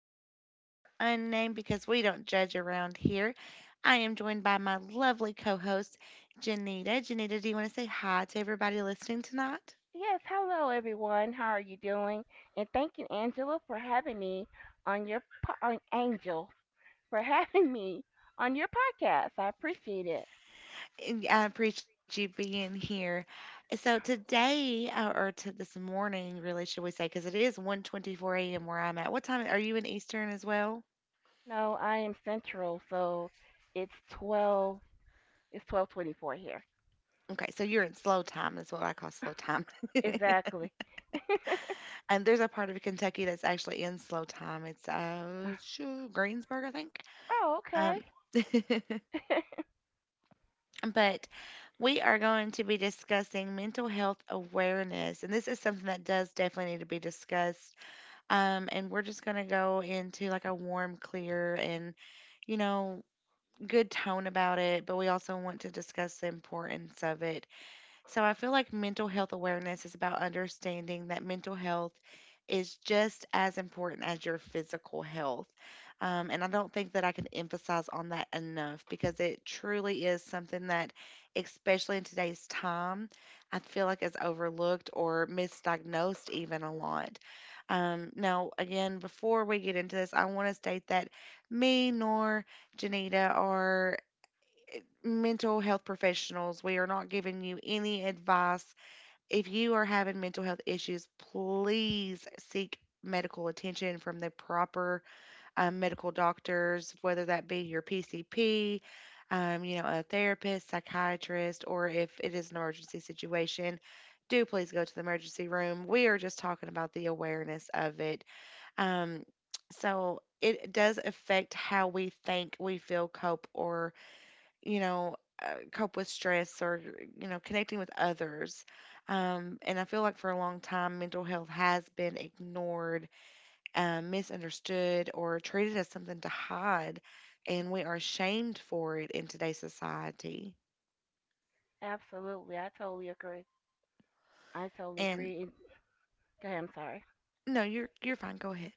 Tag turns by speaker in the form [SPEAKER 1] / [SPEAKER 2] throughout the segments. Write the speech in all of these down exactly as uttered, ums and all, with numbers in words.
[SPEAKER 1] Podcast, and we are unnamed because we don't judge around here. I am joined by my lovely co host, Janita. Janita, do you want to say hi to everybody listening tonight?
[SPEAKER 2] Yes, hello everyone. How are you doing? And thank you, Angela, for having me on your po- on Angel for having me on your podcast. I appreciate it.
[SPEAKER 1] And I appreciate you being here. So today, uh, or to this morning, really, should we say, because it is one twenty-four a m where I'm at. What time are you in Eastern as well?
[SPEAKER 2] No, I am Central, so it's twelve. It's twelve twenty-four here.
[SPEAKER 1] Okay, so you're in slow time is what I call slow time.
[SPEAKER 2] Exactly.
[SPEAKER 1] And there's a part of Kentucky that's actually in slow time. It's uh shoo, Greensburg, I think.
[SPEAKER 2] Oh, okay.
[SPEAKER 1] Um, but we are going to be discussing mental health awareness, and this is something that does definitely need to be discussed. Um, and we're just going to go into like a warm, clear, and you know, good tone about it, but we also want to discuss the importance of it. So I feel like mental health awareness is about understanding that mental health is just as important as your physical health. Um, and I don't think that I can emphasize on that enough because it truly is something that, especially in today's time, I feel like is overlooked or misdiagnosed even a lot. Um, now, again, before we get into this, I want to state that me nor Janita are mental health professionals. We are not giving you any advice. If you are having mental health issues, please seek medical attention from the proper um, medical doctors, whether that be your P C P, um, you know, a therapist, psychiatrist, or if it is an emergency situation, do please go to the emergency room. We are just talking about the awareness of it. Um, so it does affect how we think, we feel, cope, or you know, uh, cope with stress or, you know, connecting with others. Um, and I feel like for a long time, mental health has been ignored, um, misunderstood, or treated as something to hide. And we are ashamed for it in today's society.
[SPEAKER 2] Absolutely, I totally agree. I totally
[SPEAKER 1] And
[SPEAKER 2] agree. And- Go ahead, I'm sorry.
[SPEAKER 1] no, you're you're fine. Go ahead,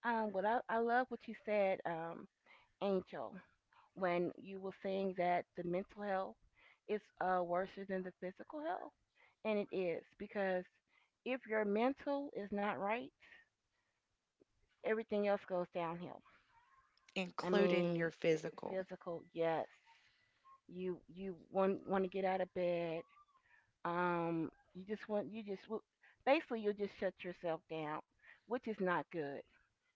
[SPEAKER 2] Um, what I I love what you said, um, Angel, when you were saying that the mental health is uh, worse than the physical health, and it is because if your mental is not right, everything else goes downhill. I
[SPEAKER 1] including
[SPEAKER 2] mean,
[SPEAKER 1] your physical.
[SPEAKER 2] physical, yes, you you want want to get out of bed. Um, you just want you just basically you'll just shut yourself down, which is not good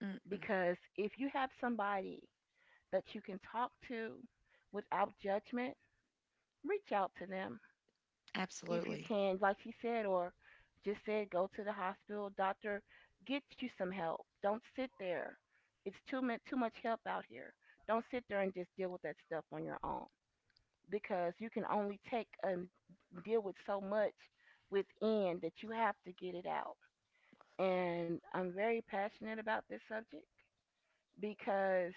[SPEAKER 1] Mm-mm,
[SPEAKER 2] because if you have somebody that you can talk to without judgment, reach out to them if you
[SPEAKER 1] absolutely.
[SPEAKER 2] can, like she said, or just said, go to the hospital, doctor, get you some help. Don't sit there. It's too much too much help out here. Don't sit there and just deal with that stuff on your own because you can only take and deal with so much within that you have to get it out. And I'm very passionate about this subject because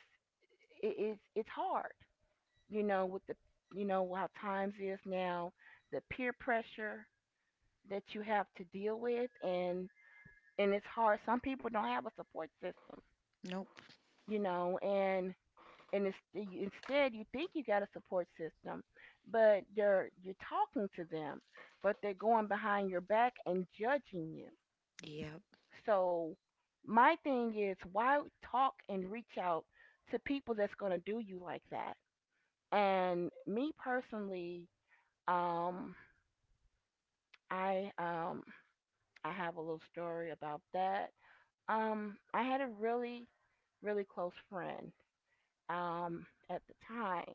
[SPEAKER 2] it, it's it's hard, you know, with the you know how times is now, the peer pressure that you have to deal with, and and it's hard. Some people don't have a support system,
[SPEAKER 1] Nope.
[SPEAKER 2] you know, and and it's, instead you think you got a support system, but they're you're talking to them but they're going behind your back and judging you.
[SPEAKER 1] Yep.
[SPEAKER 2] So my thing is, why talk and reach out to people that's going to do you like that? And me personally, um i um I have a little story about that. Um, I had a really, really close friend um, at the time.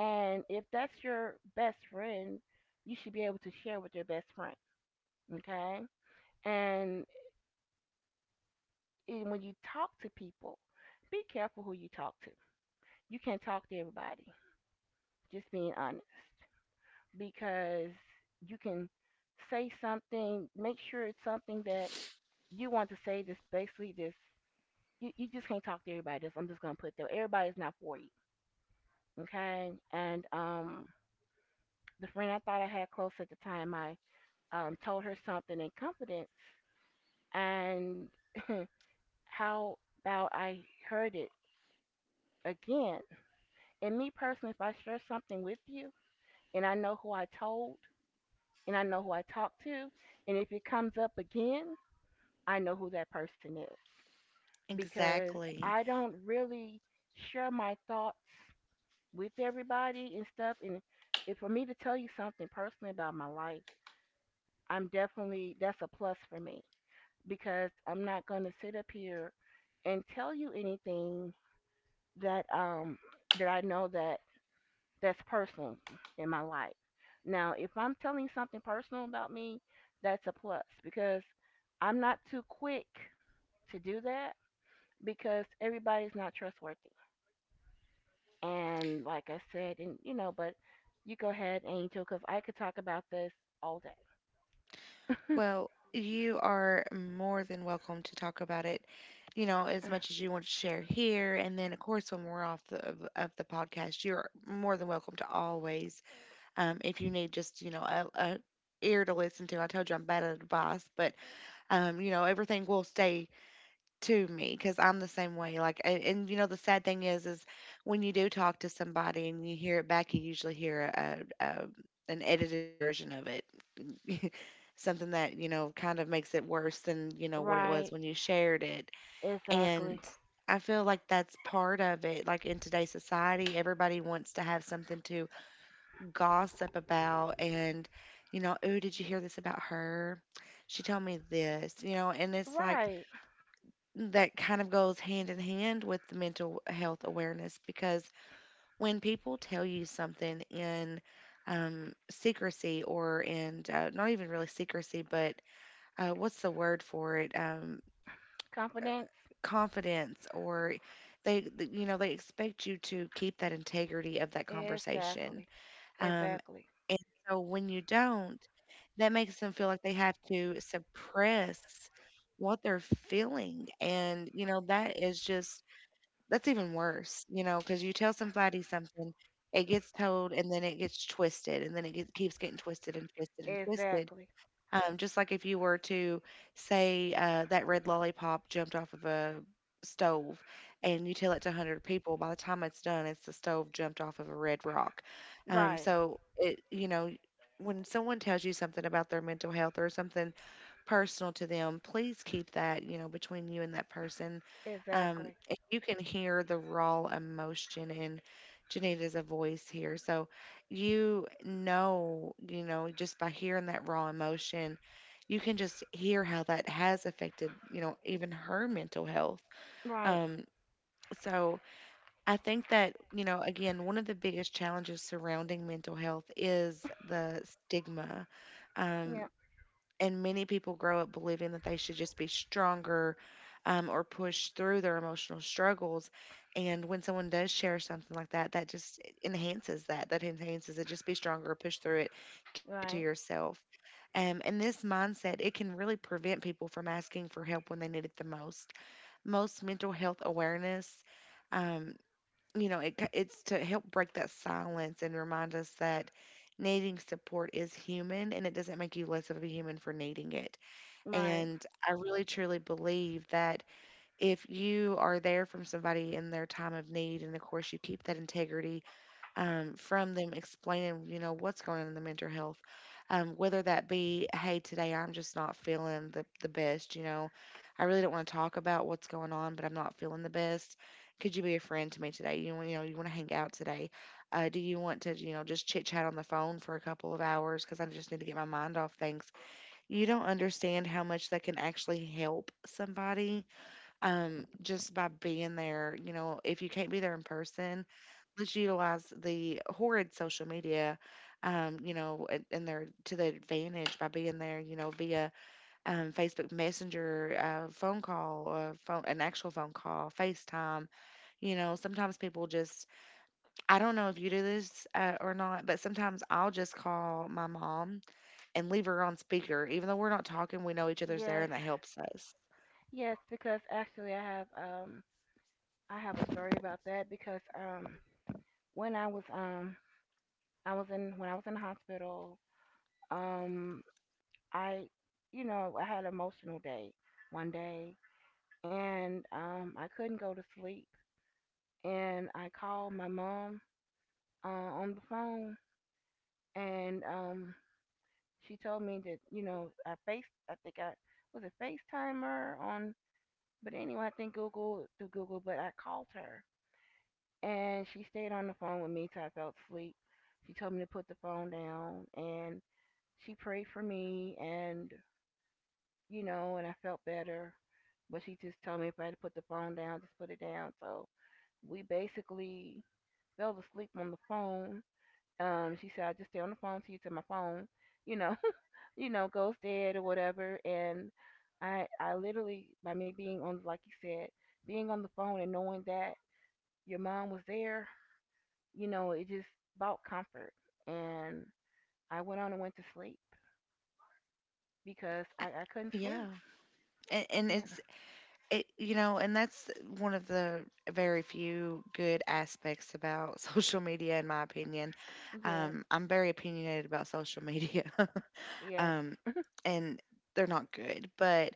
[SPEAKER 2] And if that's your best friend, you should be able to share with your best friend, okay? And when you talk to people, be careful who you talk to. You can't talk to everybody, just being honest, because you can say something, make sure it's something that you want to say. That's basically this. You, you just can't talk to everybody. That's I'm just gonna put there. Everybody's not for you. Okay. And um the friend I thought I had close at the time, I um told her something in confidence, and how about I heard it again? And me personally, if I share something with you, and I know who I told, and I know who I talked to, and if it comes up again, I know who that person is. Because
[SPEAKER 1] Exactly.
[SPEAKER 2] I don't really share my thoughts with everybody and stuff. And if for me to tell you something personally about my life, I'm definitely, that's a plus for me, because I'm not going to sit up here and tell you anything that um that I know that that's personal in my life. Now, if I'm telling you something personal about me, that's a plus, because I'm not too quick to do that because everybody's not trustworthy. And like I said, and you know, but you go ahead, Angel, because I could talk about this all day.
[SPEAKER 1] Well, you are more than welcome to talk about it, you know, as much as you want to share here. And then, of course, when we're off the, of, of the podcast, you're more than welcome to always, um, if you need just, you know, a, a ear to listen to. I told you I'm bad at advice, but, um, you know, everything will stay to me because I'm the same way. Like, and, and, you know, the sad thing is, is when you do talk to somebody and you hear it back, you usually hear a, a, a an edited version of it. Something that you know kind of makes it worse than you know what it was
[SPEAKER 2] Right,
[SPEAKER 1] when you shared it. And
[SPEAKER 2] exactly.
[SPEAKER 1] I feel like that's part of it, like in today's society everybody wants to have something to gossip about. And you know oh, did you hear this about her? She told me this, you know, and it's like
[SPEAKER 2] Right,
[SPEAKER 1] that kind of goes hand in hand with the mental health awareness, because when people tell you something in um, secrecy, or in uh, not even really secrecy, but uh, what's the word for it? Um, uh,
[SPEAKER 2] confidence.
[SPEAKER 1] confidence, or they, th- you know, they expect you to keep that integrity of that conversation.
[SPEAKER 2] Exactly,
[SPEAKER 1] Um,
[SPEAKER 2] exactly,
[SPEAKER 1] and so when you don't, that makes them feel like they have to suppress what they're feeling. And, you know, that is just, that's even worse, you know, because you tell somebody something, it gets told and then it gets twisted and then it gets, keeps getting twisted and twisted and twisted.
[SPEAKER 2] exactly.
[SPEAKER 1] Um, just like if you were to say uh, that red lollipop jumped off of a stove and you tell it to a hundred people, by the time it's done, it's the stove jumped off of a red rock. Um,
[SPEAKER 2] Right,
[SPEAKER 1] so, it, you know, when someone tells you something about their mental health or something personal to them, please keep that, you know, between you and that person.
[SPEAKER 2] exactly.
[SPEAKER 1] Um, and you can hear the raw emotion in Janita's voice here. So you know, you know, just by hearing that raw emotion, you can just hear how that has affected, you know, even her mental health.
[SPEAKER 2] Right,
[SPEAKER 1] Um, so I think that, you know, again, one of the biggest challenges surrounding mental health is the stigma. Um,
[SPEAKER 2] yeah,
[SPEAKER 1] and many people grow up believing that they should just be stronger um, or push through their emotional struggles. And when someone does share something like that, that just enhances that. That enhances it. Just be stronger, push through it, keep it to
[SPEAKER 2] right,
[SPEAKER 1] yourself. Um, and this mindset, it can really prevent people from asking for help when they need it the most. Most mental health awareness. um, you know, it, it's to help break that silence and remind us that needing support is human and it doesn't make you less of a human for needing it.
[SPEAKER 2] right.
[SPEAKER 1] And I really truly believe that if you are there from somebody in their time of need, and of course you keep that integrity um, from them explaining, you know, what's going on in the mental health, um, whether that be, hey, today I'm just not feeling the, the best, you know, I really don't want to talk about what's going on, but I'm not feeling the best. Could you be a friend to me today? You, wanna- you know, you want to hang out today? Uh, do you want to, you know, just chit chat on the phone for a couple of hours? Because I just need to get my mind off things. You don't understand how much that can actually help somebody um, just by being there. You know, if you can't be there in person, let's utilize the horrid social media, um, you know, a- and they're to the advantage by being there, you know, via um, Facebook Messenger, uh, phone call, uh, phone, an actual phone call, FaceTime. You know, sometimes people just, I don't know if you do this uh, or not, but sometimes I'll just call my mom and leave her on speaker. Even though we're not talking, we know each other's there
[SPEAKER 2] Yes,
[SPEAKER 1] and that helps us.
[SPEAKER 2] yes, because actually I have um I have a story about that, because um when I was um I was in when I was in the hospital, um I, you know, I had an emotional day one day, and um, I couldn't go to sleep. And I called my mom uh, on the phone, and um, she told me that, you know, I face, I think I was a FaceTimer on, but anyway, I think Google through Google, but I called her, and she stayed on the phone with me till I fell asleep. She told me to put the phone down, and she prayed for me, and you know, and I felt better. But she just told me if I had to put the phone down, just put it down. So we basically fell asleep on the phone. Um, she said, I'll just stay on the phone till you till my phone, you know, you know, goes dead or whatever. And I, I literally, by me being on, like you said, being on the phone and knowing that your mom was there, you know, it just brought comfort. And I went on and went to sleep because I, I couldn't
[SPEAKER 1] Yeah.
[SPEAKER 2] sleep.
[SPEAKER 1] And, and
[SPEAKER 2] Yeah.
[SPEAKER 1] it's it, you know, and that's one of the very few good aspects about social media, in my opinion.
[SPEAKER 2] Yes.
[SPEAKER 1] Um, I'm very opinionated about social media,
[SPEAKER 2] Yes.
[SPEAKER 1] um, and they're not good, but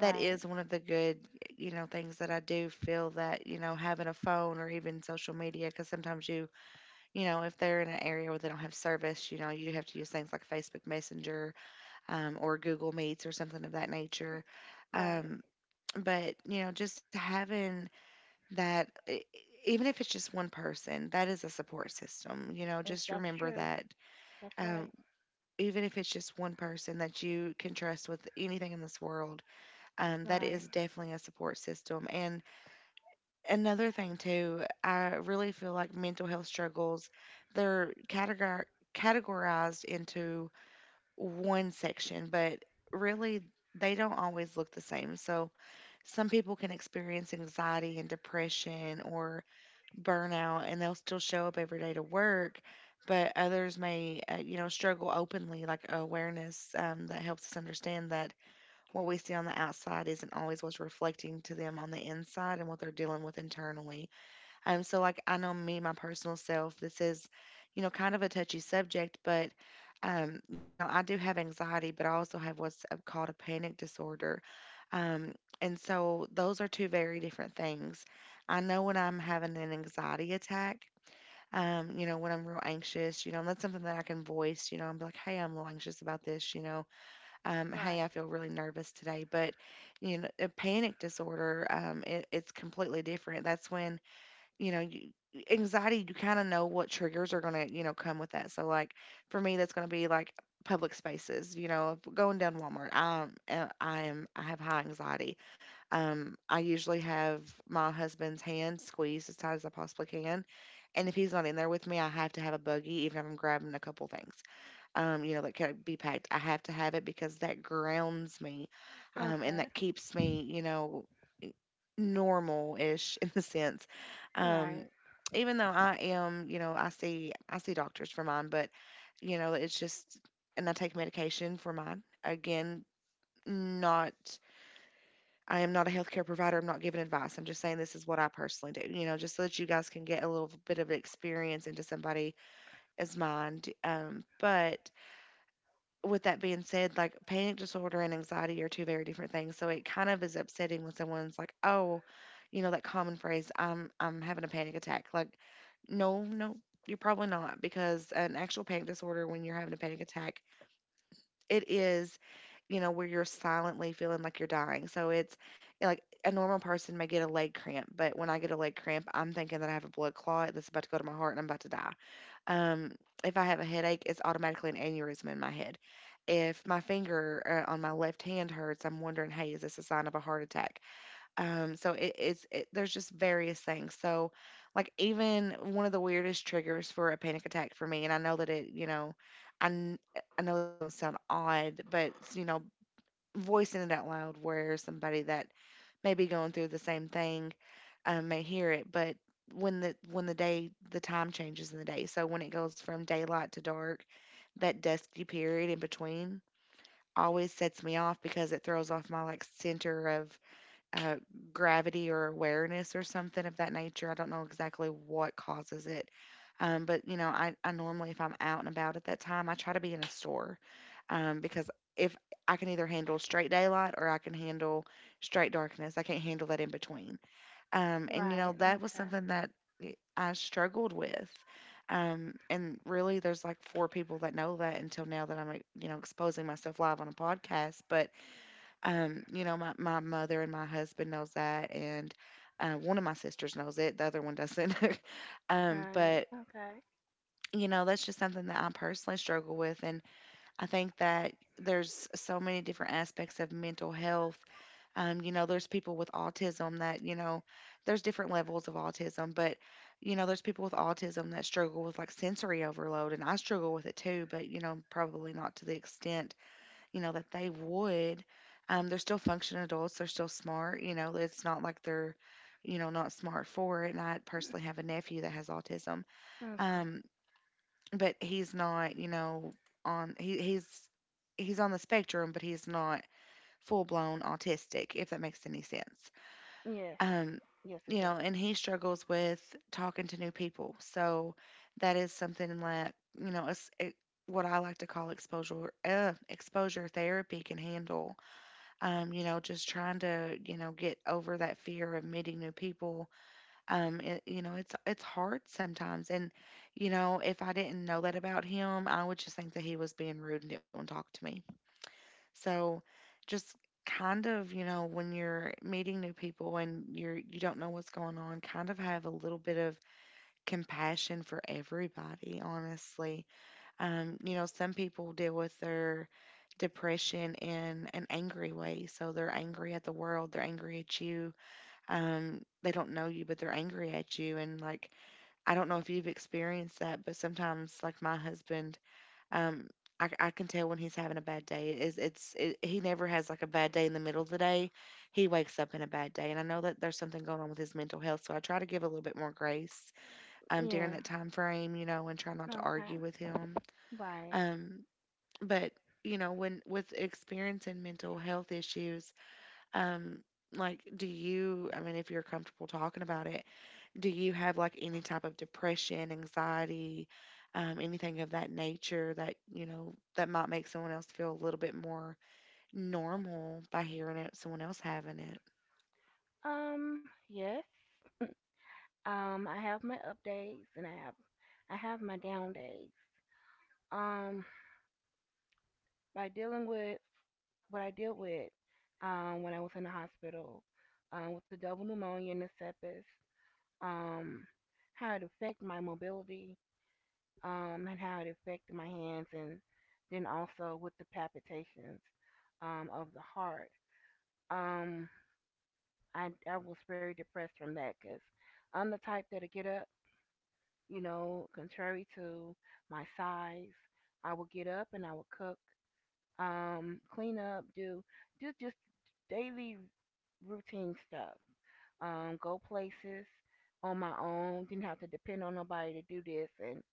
[SPEAKER 1] that is one of the good, you know, things that I do feel that, you know, having a phone or even social media, because sometimes you, you know, if they're in an area where they don't have service, you know, you have to use things like Facebook Messenger um, or Google Meets or something of that nature.
[SPEAKER 2] Right.
[SPEAKER 1] Um, but you know just having that e- e- even if it's just one person that is a support system, you know,
[SPEAKER 2] That's,
[SPEAKER 1] just
[SPEAKER 2] that's
[SPEAKER 1] remember
[SPEAKER 2] true.
[SPEAKER 1] that.
[SPEAKER 2] That's
[SPEAKER 1] um,
[SPEAKER 2] right.
[SPEAKER 1] Even if it's just one person that you can trust with anything in this world, um, that
[SPEAKER 2] Right.
[SPEAKER 1] is definitely a support system. And another thing too, I really feel like mental health struggles, they're categor- categorized into one section, but really they don't always look the same. So some people can experience anxiety and depression or burnout and they'll still show up every day to work, but others may uh, you know struggle openly like awareness. Um, that helps us understand that what we see on the outside isn't always what's reflecting to them on the inside and what they're dealing with internally. Um, so like I know me, my personal self, this is, you know, kind of a touchy subject, but um, you know, I do have anxiety, but I also have what's uh, called a panic disorder. Um, and so those are two very different things. I know when I'm having an anxiety attack, um, you know, when I'm real anxious, you know, and that's something that I can voice, you know, I'm like, hey, I'm a little anxious about this, you know, um,
[SPEAKER 2] Right.
[SPEAKER 1] hey, I feel really nervous today. But, you know, a panic disorder, um, it, it's completely different. That's when you know, you, anxiety, you kind of know what triggers are going to, you know, come with that. So, like, for me, that's going to be like public spaces, you know, if going down Walmart. Um, uh, I am, I have high anxiety. Um, I usually have my husband's hand squeezed as tight as I possibly can. And if he's not in there with me, I have to have a buggy, even if I'm grabbing a couple things, um, you know, that can be packed. I have to have it because that grounds me, um, and
[SPEAKER 2] Okay.
[SPEAKER 1] that keeps me, you know, normal-ish in the sense. Um,
[SPEAKER 2] Right.
[SPEAKER 1] Even though I am, you know, I see I see doctors for mine, but you know, it's just and I take medication for mine. Again, not I am not a healthcare provider. I'm not giving advice. I'm just saying this is what I personally do. You know, just so that you guys can get a little bit of experience into somebody as mind. Um, but with that being said, like panic disorder and anxiety are two very different things. So it kind of is upsetting when someone's like, "Oh, you know that common phrase, I'm I'm having a panic attack." Like, no, no, you're probably not because an actual panic disorder when you're having a panic attack, it is, you know, where you're silently feeling like you're dying. So it's eh, like a normal person may get a leg cramp, but when I get a leg cramp, I'm thinking that I have a blood clot that's about to go to my heart and I'm about to die. Um, if I have a headache, it's automatically an aneurysm in my head. If my finger uh, on my left hand hurts, I'm wondering, hey, is this a sign of a heart attack? Um, so it, it's it, there's just various things. So, like even one of the weirdest triggers for a panic attack for me, and I know that it, you know, I kn- I know it's going to sound odd, but you know, voicing it out loud where somebody that may be going through the same thing um, may hear it, but when the when the day the time changes in the day, so when it goes from daylight to dark, that dusky period in between always sets me off because it throws off my like center of uh, gravity or awareness or something of that nature. I don't know exactly what causes it. Um, but you know, I, I normally if I'm out and about at that time, I try to be in a store um, because if I can either handle straight daylight or I can handle straight darkness, I can't handle that in between. Um, and you know,
[SPEAKER 2] Right.
[SPEAKER 1] that was
[SPEAKER 2] Okay.
[SPEAKER 1] something that y- I struggled with. Um, and really, there's like four people that know that until now that I'm, like, you know, exposing myself live on a podcast. But, um, you know, my, my mother and my husband knows that. And uh, one of my sisters knows it, the other one doesn't. um,
[SPEAKER 2] Right.
[SPEAKER 1] but,
[SPEAKER 2] Okay.
[SPEAKER 1] you know, that's just something that I personally struggle with. And I think that there's so many different aspects of mental health. Um, you know, there's people with autism that, you know, there's different levels of autism, but, you know, there's people with autism that struggle with like sensory overload, and I struggle with it too, but, you know, probably not to the extent, you know, that they would. Um, they're still functioning adults, they're still smart, you know, it's not like they're, you know, not smart for it. And I personally have a nephew that has autism.
[SPEAKER 2] Okay.
[SPEAKER 1] Um, but he's not, you know, on he he's he's on the spectrum, but he's not full blown autistic, if that makes any sense.
[SPEAKER 2] Yes.
[SPEAKER 1] Um,
[SPEAKER 2] Yes, it
[SPEAKER 1] you
[SPEAKER 2] does.
[SPEAKER 1] know, and he struggles with talking to new people. So that is something that you know, it's, it, what I like to call exposure uh, exposure therapy can handle. Um, you know, just trying to you know get over that fear of meeting new people um it, you know it's it's hard sometimes and you know if I didn't know that about him I would just think that he was being rude and didn't want to talk to me, so just kind of you know when you're meeting new people and you're you don't know what's going on, kind of have a little bit of compassion for everybody honestly. Um you know, some people deal with their depression in an angry way, so they're angry at the world, they're angry at you. Um they don't know you but they're angry at you, and like I don't know if you've experienced that, but sometimes, like my husband, um, I, c- I can tell when he's having a bad day. It's, it's it, he never has like a bad day in the middle of the day. He wakes up in a bad day, and I know that there's something going on with his mental health. So I try to give a little bit more grace um, during
[SPEAKER 2] Yeah.
[SPEAKER 1] that time frame, you know, and try not to
[SPEAKER 2] Okay.
[SPEAKER 1] argue with him.
[SPEAKER 2] Right.
[SPEAKER 1] Um, but you know, when with experiencing mental health issues, um, like, do you? I mean, if you're comfortable talking about it, do you have like any type of depression, anxiety, um, anything of that nature that, you know, that might make someone else feel a little bit more normal by hearing it, someone else having it?
[SPEAKER 2] Um. Yes. Um. I have my up days and I have I have my down days. Um. By dealing with what I deal with, um, when I was in the hospital, um, with the double pneumonia and the sepsis, um, how it affected my mobility, um, and how it affected my hands, and then also with the palpitations um, of the heart. Um, I, I was very depressed from that, because I'm the type that'll get up, you know, contrary to my size. I will get up and I will cook, um, clean up, do just just daily routine stuff. Um, go places on my own. Didn't have to depend on nobody to do this and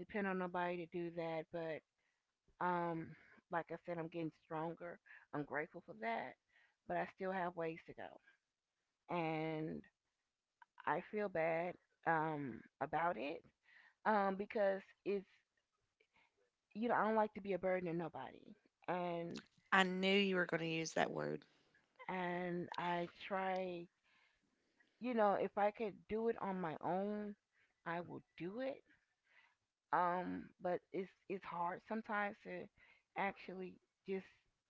[SPEAKER 2] depend on nobody to do that. But Um, like I said, I'm getting stronger. I'm grateful for that, but I still have ways to go, and I feel bad um about it um because it's you know I don't like to be a burden to nobody, and
[SPEAKER 1] I knew you were going to use that word.
[SPEAKER 2] and I try, you know, if I could do it on my own, I will do it. Um, but it's it's hard sometimes to actually just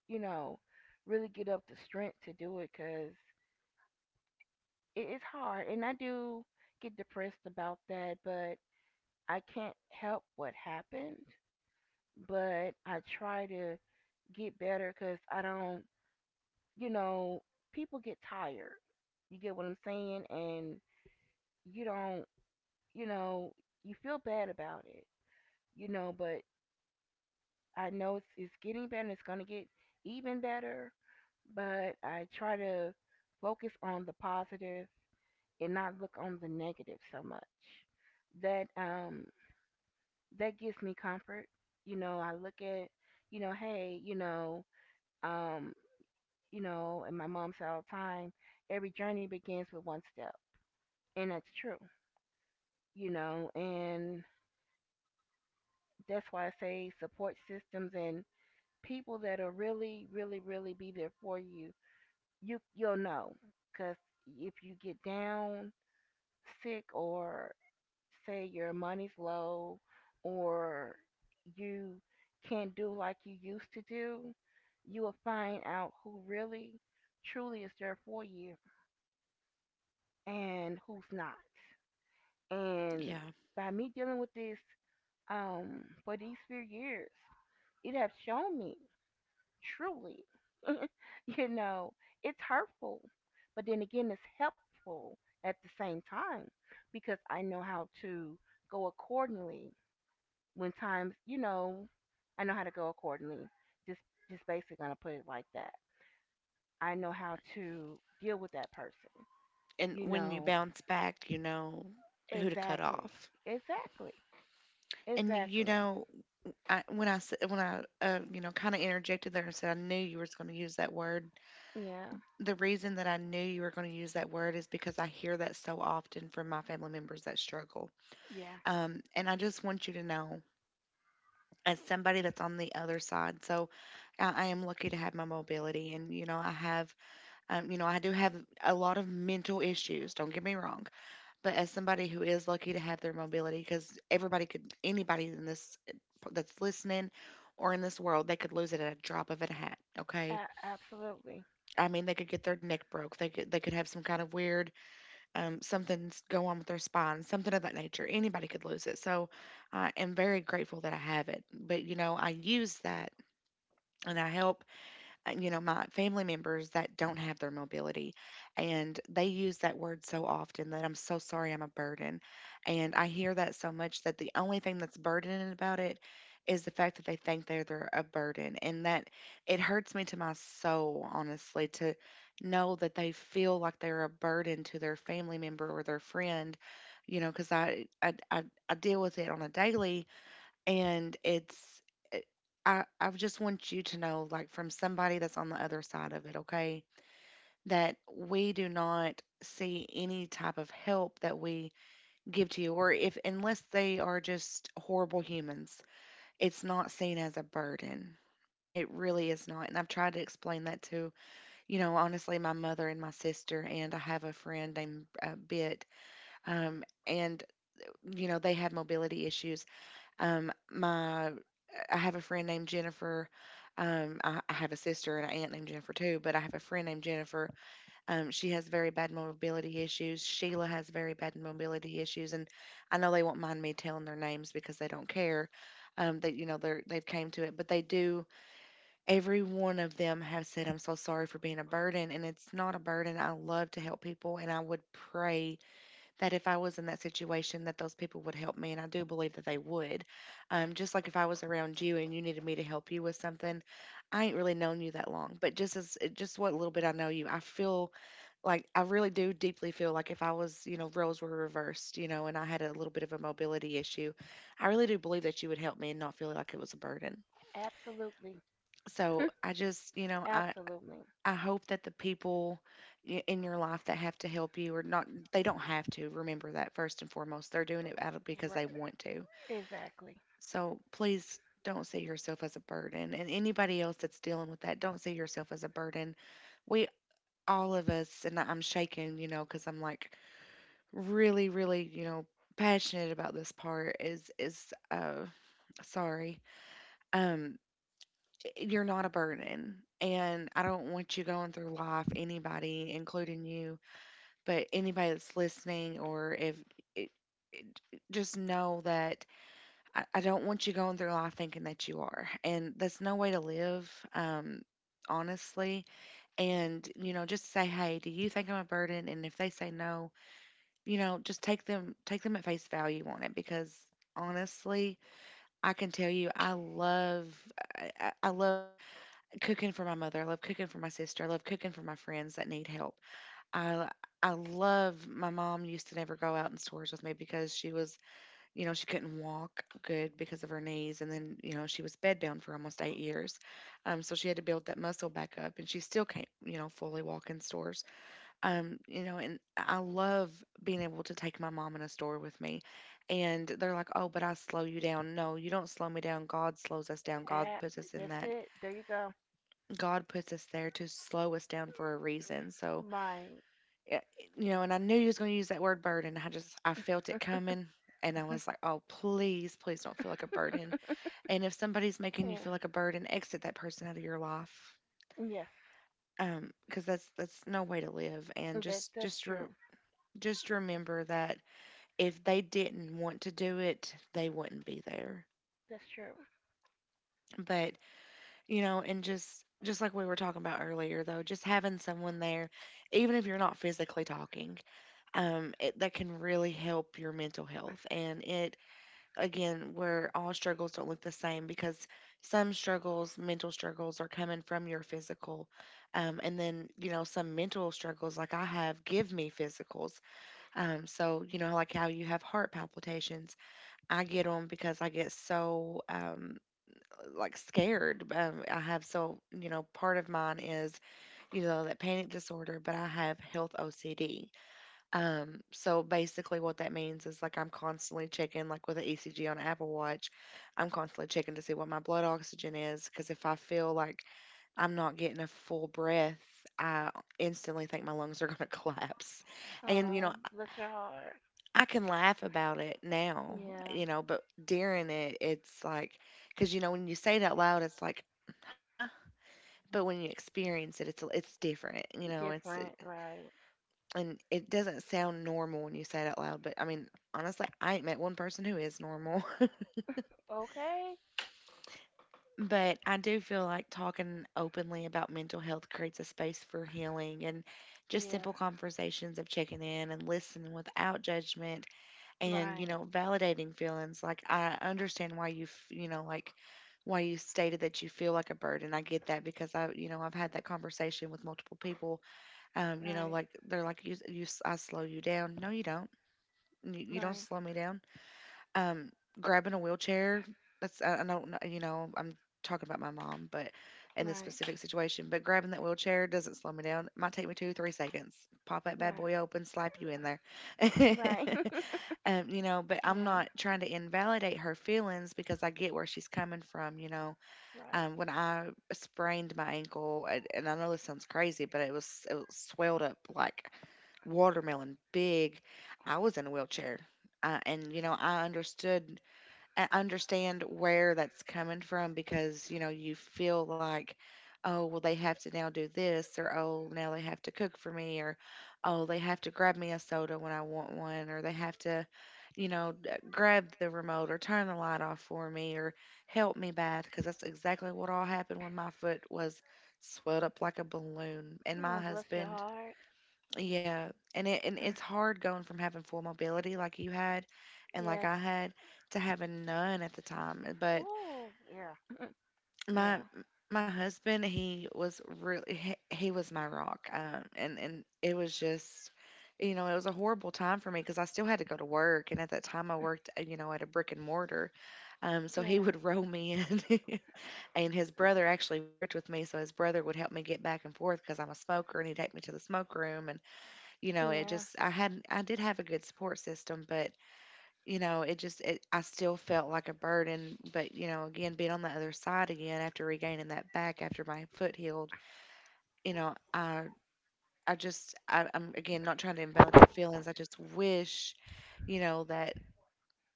[SPEAKER 2] you know really get up the strength to do it, because it is hard, and I do get depressed about that, but I can't help what happened. But I try to get better, because I don't you know people get tired. You get what I'm saying? And you don't you know you feel bad about it, you know. But I know it's, it's getting better and it's going to get even better. But I try to focus on the positive and not look on the negative so much. That um that gives me comfort. You know, I look at, you know, hey, you know, um, you know, and my mom said all the time, every journey begins with one step. And that's true, you know, and that's why I say support systems and people that will really, really, really be there for you. You you'll know, because if you get down sick, or say your money's low, or you can't do like you used to do, you will find out who really truly is there for you and who's not. And
[SPEAKER 1] Yeah.
[SPEAKER 2] by me dealing with this um for these few years, it has shown me truly, you know, it's hurtful, but then again it's helpful at the same time, because I know how to go accordingly. When times, you know, I know how to go accordingly. Just just basically gonna put it like that. I know how to deal with that person.
[SPEAKER 1] And
[SPEAKER 2] You
[SPEAKER 1] when you
[SPEAKER 2] know,
[SPEAKER 1] bounce back, you know who to cut
[SPEAKER 2] exactly,
[SPEAKER 1] off.
[SPEAKER 2] exactly,
[SPEAKER 1] And you
[SPEAKER 2] exactly.
[SPEAKER 1] know, I, when I s- when I uh, you know kind of interjected there and said I knew you were going to use that word.
[SPEAKER 2] Yeah,
[SPEAKER 1] The reason that I knew you were going to use that word is because I hear that so often from my family members that struggle.
[SPEAKER 2] yeah,
[SPEAKER 1] Um, and I just want you to know, as somebody that's on the other side, so I, I am lucky to have my mobility, and you know, I have, um, you know, I do have a lot of mental issues. Don't get me wrong, but as somebody who is lucky to have their mobility, because everybody could, anybody in this that's listening or in this world, they could lose it at a drop of a hat. Okay,
[SPEAKER 2] a- absolutely,
[SPEAKER 1] I mean, they could get their neck broke. They could, they could have some kind of weird um, something's go on with their spine, something of that nature. Anybody could lose it. So I am very grateful that I have it. But you know, I use that and I help uh, you know, my family members that don't have their mobility. And they use that word so often that I'm so sorry I'm a burden. And I hear that so much that the only thing that's burdening about it is the fact that they think they're, they're a burden. And that it hurts me to my soul, honestly, to know that they feel like they're a burden to their family member or their friend, you know, because I, I, I, I deal with it on a daily and it's it- I, I just want you to know like from somebody that's on the other side of it, okay, that we do not see any type of help that we give to you or if unless they are just horrible humans, it's not seen as a burden. It really is not. And I've tried to explain that to you know honestly my mother and my sister, and I have a friend named uh, Bit um, and you know they had mobility issues. Um, my I have a friend named Jennifer. Um, I, I have a sister and an aunt named Jennifer too, but I have a friend named Jennifer. Um, she has very bad mobility issues. Sheila has very bad mobility issues, and I know they won't mind me telling their names because they don't care. Um, that you know they're they've came to it, but they do. Every one of them have said, "I'm so sorry for being a burden," and it's not a burden. I love to help people, and I would pray that if I was in that situation that those people would help me, and I do believe that they would. Um, just like if I was around you and you needed me to help you with something, I ain't really known you that long, but just as just what little bit I know you, I feel like I really do deeply feel like if I was, you know, roles were reversed, you know, and I had a little bit of a mobility issue, I really do believe that you would help me and not feel like it was a burden.
[SPEAKER 2] absolutely,
[SPEAKER 1] So I just, you know, I,
[SPEAKER 2] absolutely,
[SPEAKER 1] I hope that the people i- in your life that have to help you or not, they don't have to. Remember that first and foremost. They're doing it out of because
[SPEAKER 2] R-
[SPEAKER 1] they want to.
[SPEAKER 2] exactly.
[SPEAKER 1] So please don't see yourself as a burden. And anybody else that's dealing with that, don't see yourself as a burden. We, all of us, and I- I'm shaking, you know, because I'm like really, really, you know, passionate about this part is, is, uh, sorry. Um, i- you're not a burden. And I don't want you going through life, anybody, including you, but anybody that's listening, or if it, just know that I, I don't want you going through life thinking that you are, and that's no way to live, um honestly. And you know, just say, "Hey, do you think I'm a burden?" And if they say no, you know, just take them take them at face value on it, because honestly, I can tell you I love I, I I love cooking for my mother, I love cooking for my sister, I love cooking for my friends that need help. I I love, my mom used to never go out in stores with me, because she was, you know, she couldn't walk good because of her knees. And then, you know, she was bedbound for almost eight years. Um, so she had to build that muscle back up, and she still can't, you know, fully walk in stores. Um, you know, and I love being able to take my mom in a store with me. And they're like, "Oh, but I slow you down." No, you don't slow me down. God slows us down. God
[SPEAKER 2] A-
[SPEAKER 1] puts us in
[SPEAKER 2] that's
[SPEAKER 1] that,
[SPEAKER 2] it. There you go.
[SPEAKER 1] God puts us there to slow us down for a reason. So
[SPEAKER 2] Right.
[SPEAKER 1] eh, you know, and I knew he was going to use that word, burden. I just, I felt it coming. And I was like, oh, please, please don't feel like a burden. And if somebody's making you
[SPEAKER 2] Yeah,
[SPEAKER 1] feel like a burden, exit that person out of your life.
[SPEAKER 2] yeah.
[SPEAKER 1] Um, 'cause that's, that's no way to live. And
[SPEAKER 2] That's
[SPEAKER 1] just,
[SPEAKER 2] that's
[SPEAKER 1] just, re-
[SPEAKER 2] true.
[SPEAKER 1] just remember that if they didn't want to do it, they wouldn't be there.
[SPEAKER 2] That's true.
[SPEAKER 1] But, you know, and just, just like we were talking about earlier, though, just having someone there, even if you're not physically talking, um, it, that can really help your mental health. And it, again, where all struggles don't look the same, because some struggles, mental struggles, are coming from your physical. Um, and then, you know, some mental struggles, like I have, give me physicals. Um, so, you know, like how you have heart palpitations, I get them because I get so, um, like scared. Um, I have so, you know, part of mine is, you know, that panic disorder, but I have health O C D. Um, so basically what that means is like I'm constantly checking, like with an E C G on Apple Watch, I'm constantly checking to see what my blood oxygen is, because if I feel like I'm not getting a full breath, I instantly think my lungs are gonna collapse. And you know,
[SPEAKER 2] Um, bless your heart.
[SPEAKER 1] I can laugh about it now,
[SPEAKER 2] Yeah,
[SPEAKER 1] you know, but during it, it's like, because you know, when you say it out loud, it's like, huh? But when you experience it, it's it's different, you know, it's,
[SPEAKER 2] different. Right.
[SPEAKER 1] and it doesn't sound normal when you say it out loud. But I mean, honestly, I ain't met one person who is normal.
[SPEAKER 2] Okay.
[SPEAKER 1] But I do feel like talking openly about mental health creates a space for healing, and just simple
[SPEAKER 2] Yeah.
[SPEAKER 1] conversations of checking in and listening without judgment, and, you
[SPEAKER 2] Right.
[SPEAKER 1] know, validating feelings. Like, I understand why you, f- you know, like, why you stated that you feel like a burden. I get that, because I, you know, I've had that conversation with multiple people. Um, you know,
[SPEAKER 2] Right.
[SPEAKER 1] like they're like, you, you, I slow you down. No, you don't. You, you don't
[SPEAKER 2] Right.
[SPEAKER 1] slow me down. Um, grabbing a wheelchair. That's, I, I don't know. You know, I'm talking about my mom, but in this
[SPEAKER 2] Right.
[SPEAKER 1] specific situation, but grabbing that wheelchair doesn't slow me down. It might take me two, three seconds. Pop that bad
[SPEAKER 2] Right.
[SPEAKER 1] boy open, slap you in there.
[SPEAKER 2] Right.
[SPEAKER 1] Um, you know, but I'm
[SPEAKER 2] Yeah.
[SPEAKER 1] not trying to invalidate her feelings, because I get where she's coming from. You know,
[SPEAKER 2] Right.
[SPEAKER 1] um, when I sprained my ankle, and, and I know this sounds crazy, but it was it was swelled up like watermelon big. I was in a wheelchair. Uh, and you know, I understood I understand where that's coming from, because, you know, you feel like, oh, well they have to now do this, or oh, now they have to cook for me, or oh, they have to grab me a soda when I want one, or they have to, you know, d- grab the remote or turn the light off for me, or help me bath, because that's exactly what all happened when my foot was swelled up like a balloon and my
[SPEAKER 2] Oh, bless your
[SPEAKER 1] husband,
[SPEAKER 2] heart.
[SPEAKER 1] yeah, and it and it's hard going from having full mobility like you had and like
[SPEAKER 2] Yes.
[SPEAKER 1] I had to having none at the time. uh, But
[SPEAKER 2] Oh, yeah.
[SPEAKER 1] my
[SPEAKER 2] Yeah.
[SPEAKER 1] my husband, he was really, he, he was my rock. Um, and and it was just, you know, it was a horrible time for me, because I still had to go to work, and at that time I worked, uh, you know, at a brick and mortar. Um, so he
[SPEAKER 2] Yeah.
[SPEAKER 1] would roll me in. And his brother actually worked with me, so his brother would help me get back and forth, because I'm a smoker, and he'd take me to the smoke room. You know, it
[SPEAKER 2] Yeah.
[SPEAKER 1] just I had, I did have a good support system, but you know, it just it, I still felt like a burden. But you know, again, being on the other side again, after regaining that back after my foot healed, you know, i i just I, i'm again not trying to invalidate feelings, I just wish, you know, that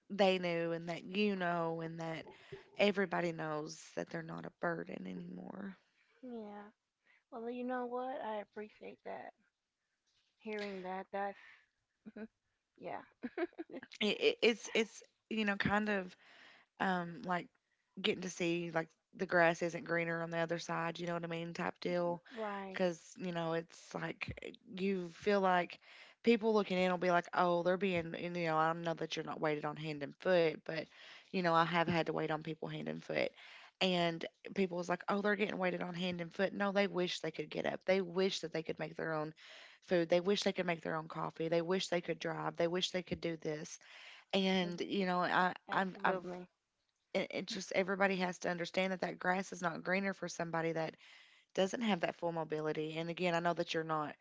[SPEAKER 1] they knew, and that, you know, and that everybody knows that they're not a burden anymore.
[SPEAKER 2] Yeah. Well, you know what? I appreciate that. Hearing that, that's, yeah.
[SPEAKER 1] It, it, it's it's, you know, kind of, um, like, getting to see, like, the grass isn't greener on the other side, you know what I mean, type deal.
[SPEAKER 2] Right.
[SPEAKER 1] Because you know, it's like you feel like people looking in will be like, oh, they're being, and, you know, I know that you're not waited on hand and foot, but you know, I have had to wait on people hand and foot. And people was like, oh, they're getting waited on hand and foot. No, they wish they could get up. They wish that they could make their own food. They wish they could make their own coffee. They wish they could drive. They wish they could do this. And you know, I I'm, I've,
[SPEAKER 2] Absolutely.
[SPEAKER 1] it, it just, everybody has to understand that that grass is not greener for somebody that doesn't have that full mobility. And again, I know that you're not,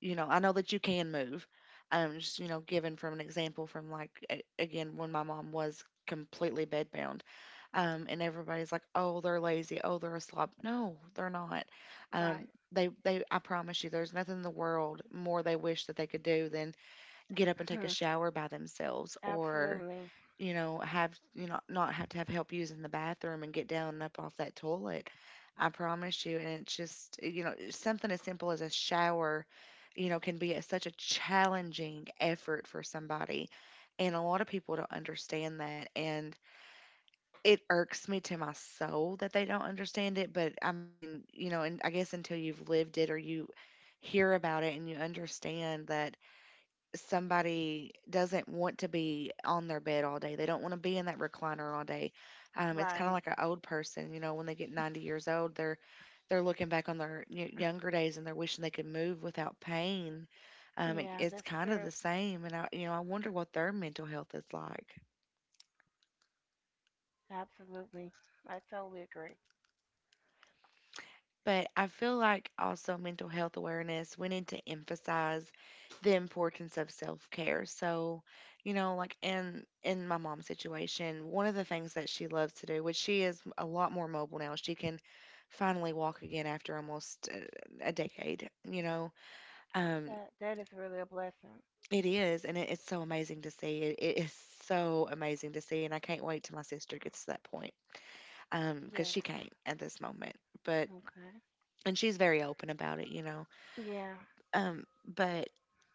[SPEAKER 1] you know, I know that you can move. Um, just you know, given from an example from like a- again, when my mom was completely bedbound, um, and everybody's like, oh, they're lazy, oh, they're a slob. No, they're not. Um,
[SPEAKER 2] Right.
[SPEAKER 1] they they I promise you, there's nothing in the world more they wish that they could do than get up and take a shower by themselves, or
[SPEAKER 2] Absolutely.
[SPEAKER 1] you know, have, you know, not have to have help using the bathroom and get down and up off that toilet. I promise you. And it's just, you know, something as simple as a shower, you know, can be a, such a challenging effort for somebody, and a lot of people don't understand that. And it irks me to my soul that they don't understand it. But I mean, you know, and I guess until you've lived it, or you hear about it and you understand that somebody doesn't want to be on their bed all day. They don't want to be in that recliner all day. Um, it's kind of
[SPEAKER 2] Right.
[SPEAKER 1] like an old person, you know, when they get ninety years old, they're they're looking back on their y- younger days, and they're wishing they could move without pain. Um, it,
[SPEAKER 2] Yeah,
[SPEAKER 1] it's
[SPEAKER 2] that's
[SPEAKER 1] kind of the
[SPEAKER 2] true.
[SPEAKER 1] same, and I, you know, I wonder what their mental health is like.
[SPEAKER 2] Absolutely. I totally agree.
[SPEAKER 1] But I feel like also mental health awareness, we need to emphasize the importance of self care. So, you know, like in in my mom's situation, one of the things that she loves to do, which she is a lot more mobile now, she can finally walk again after almost uh, a decade. You know, um,
[SPEAKER 2] That that is really a blessing.
[SPEAKER 1] it is, and it, it's so amazing to see. It, it is so amazing to see, and I can't wait till my sister gets to that point, um, because
[SPEAKER 2] Yes.
[SPEAKER 1] she can't at this moment. But,
[SPEAKER 2] Okay.
[SPEAKER 1] and she's very open about it, you know.
[SPEAKER 2] Yeah.
[SPEAKER 1] Um, but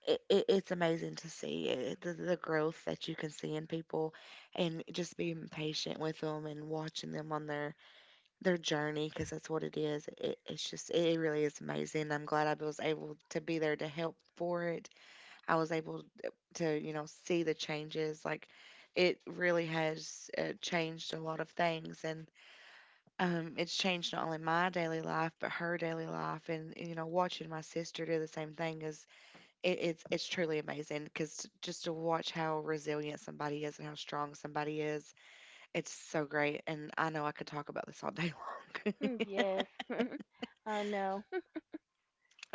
[SPEAKER 1] it, it, it's amazing to see it, the, the growth that you can see in people, and just being patient with them and watching them on their, their journey, because that's what it is. It, it's just, it really is amazing. I'm glad I was able to be there to help for it. I was able to, you know, see the changes. Like it really has uh, changed a lot of things. And um, It's changed not only my daily life but her daily life, and you know, watching my sister do the same thing is it, it's it's truly amazing because just to watch how resilient somebody is and how strong somebody is, it's so great. And I know I could talk about this all day long,
[SPEAKER 2] Yes. I know.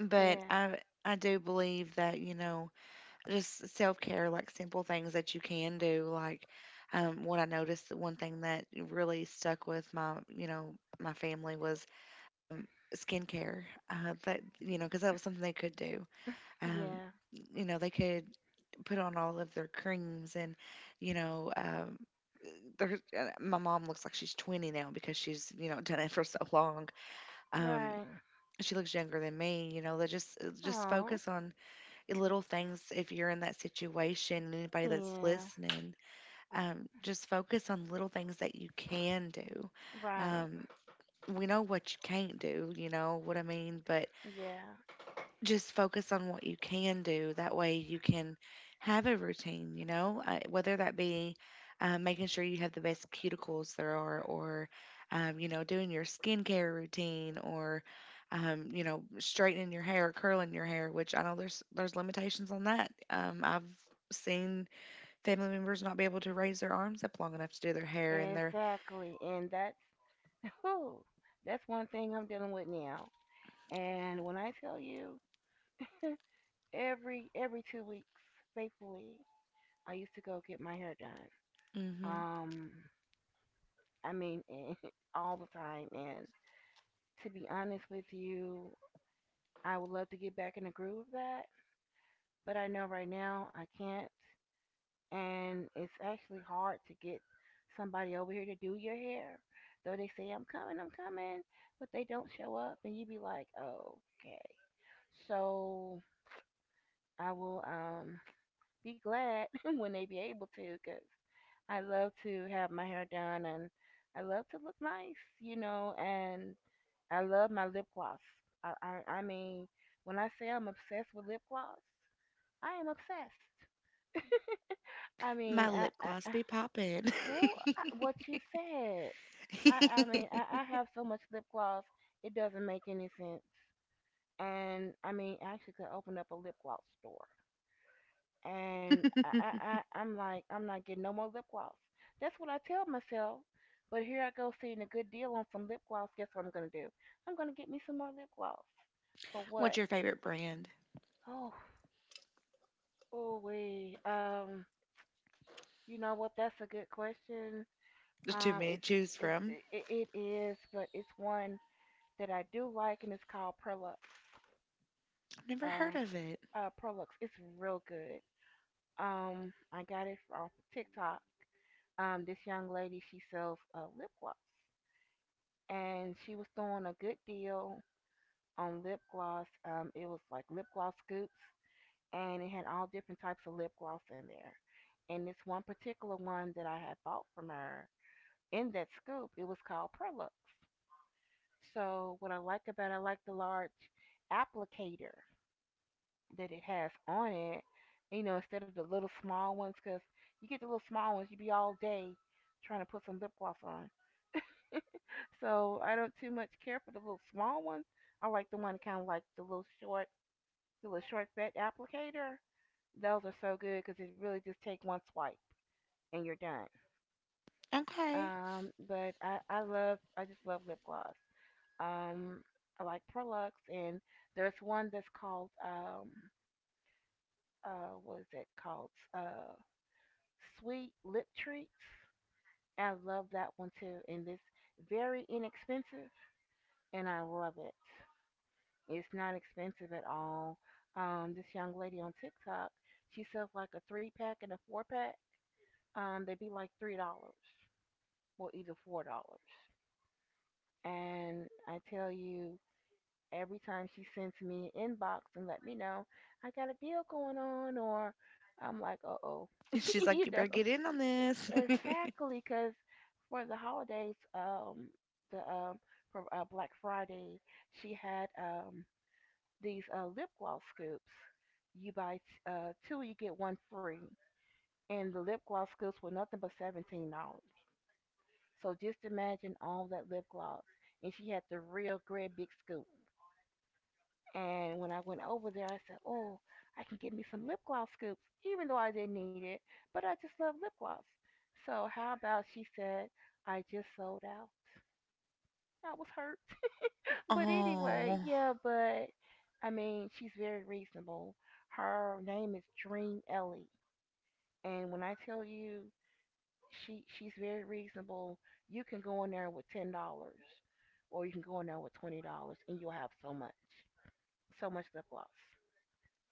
[SPEAKER 1] but
[SPEAKER 2] Yeah.
[SPEAKER 1] I I do believe that you know, just self care, like simple things that you can do. Like um, what I noticed, the one thing that really stuck with my you know my family was um, skincare. Uh, that you know, because that was something they could do. Um,
[SPEAKER 2] Yeah.
[SPEAKER 1] you know, they could put on all of their creams and, you know, um, there's, uh, my mom looks like she's twenty now because she's, you know, done it for so long. Um,
[SPEAKER 2] Right.
[SPEAKER 1] she looks younger than me, you know, they just, uh, just
[SPEAKER 2] Oh.
[SPEAKER 1] focus on little things. If you're in that situation, anybody that's
[SPEAKER 2] Yeah.
[SPEAKER 1] listening, um, just focus on little things that you can do.
[SPEAKER 2] Right.
[SPEAKER 1] Um, we know what you can't do, you know what I mean? But
[SPEAKER 2] Yeah.
[SPEAKER 1] just focus on what you can do. That way you can have a routine, you know, uh, whether that be uh, making sure you have the best cuticles there are, or, um, you know, doing your skincare routine, or um, you know, straightening your hair, curling your hair, which I know there's, there's limitations on that. Um, I've seen family members not be able to raise their arms up long enough to do their hair and their,
[SPEAKER 2] Exactly. And that's whew, that's one thing I'm dealing with now. And when I tell you, every every two weeks, faithfully, I used to go get my hair done.
[SPEAKER 1] hmm.
[SPEAKER 2] Um. I mean, all the time. And to be honest with you, I would love to get back in the groove of that, but I know right now I can't. And it's actually hard to get somebody over here to do your hair. Though they say, I'm coming, I'm coming, but they don't show up. And you be like, oh, okay. So I will um, be glad when they be able to, because I love to have my hair done and I love to look nice, you know, and I love my lip gloss. I, I, I mean, when I say I'm obsessed with lip gloss, I am obsessed. I mean,
[SPEAKER 1] My
[SPEAKER 2] I,
[SPEAKER 1] lip gloss
[SPEAKER 2] I,
[SPEAKER 1] be popping.
[SPEAKER 2] well, I- what you said. I I mean, I, I have so much lip gloss, it doesn't make any sense. And I mean, I actually could open up a lip gloss store. And I, I, I I'm like, I'm not getting no more lip gloss. That's what I tell myself. But here I go seeing a good deal on some lip gloss. Guess what I'm gonna do? I'm gonna get me some more lip gloss. For
[SPEAKER 1] What's
[SPEAKER 2] what?
[SPEAKER 1] your favorite brand?
[SPEAKER 2] Oh, oh wee. Um, you know what? That's a good question.
[SPEAKER 1] There's too
[SPEAKER 2] Um,
[SPEAKER 1] many to
[SPEAKER 2] it's
[SPEAKER 1] choose
[SPEAKER 2] it's
[SPEAKER 1] from.
[SPEAKER 2] it, it it is, but it's one that I do like, and it's called Prolux.
[SPEAKER 1] I've never heard
[SPEAKER 2] Uh,
[SPEAKER 1] of it.
[SPEAKER 2] uh, Prolux. It's real good. Um, I got it off TikTok. Um, this young lady she sells uh, lip gloss, and she was throwing a good deal on lip gloss. Um, it was like lip gloss scoops, and it had all different types of lip gloss in there. And this one particular one that I had bought from her in that scoop, it was called Prolux. So what I like about it, I like the large applicator that it has on it. You know, instead of the little small ones, because you get the little small ones, you be all day trying to put some lip gloss on. So I don't too much care for the little small ones. I like the one kind of like the little short, the little short fat applicator. Those are so good because it really just take one swipe and you're done.
[SPEAKER 1] Okay.
[SPEAKER 2] Um, but I I love I just love lip gloss. Um, I like Prolux and there's one that's called um uh what is it called uh sweet lip treats. I love that one too, and it's very inexpensive, and I love it. It's not expensive at all. Um, this young lady on TikTok, she sells like a three pack and a four pack. Um, they'd be like three dollars, well, either four dollars. And I tell you, every time she sends me an inbox and let me know I got a deal going on, or I'm like, uh oh,
[SPEAKER 1] She's
[SPEAKER 2] you
[SPEAKER 1] like, you
[SPEAKER 2] know.
[SPEAKER 1] better get in on this.
[SPEAKER 2] Exactly, because for the holidays, um, the um, for uh, Black Friday, she had um these uh lip gloss scoops. You buy t- uh two, you get one free, and the lip gloss scoops were nothing but seventeen dollars. So just imagine all that lip gloss, and she had the real great big scoop. And when I went over there, I said, "Oh, I can get me some lip gloss scoops, even though I didn't need it, but I just love lip gloss." So, how about she said, "I just sold out?" I was hurt. But anyway,
[SPEAKER 1] Oh,
[SPEAKER 2] yeah, but I mean, she's very reasonable. Her name is Dream Ellie. And when I tell you she she's very reasonable, you can go in there with ten dollars or you can go in there with twenty dollars and you'll have so much. So much lip gloss.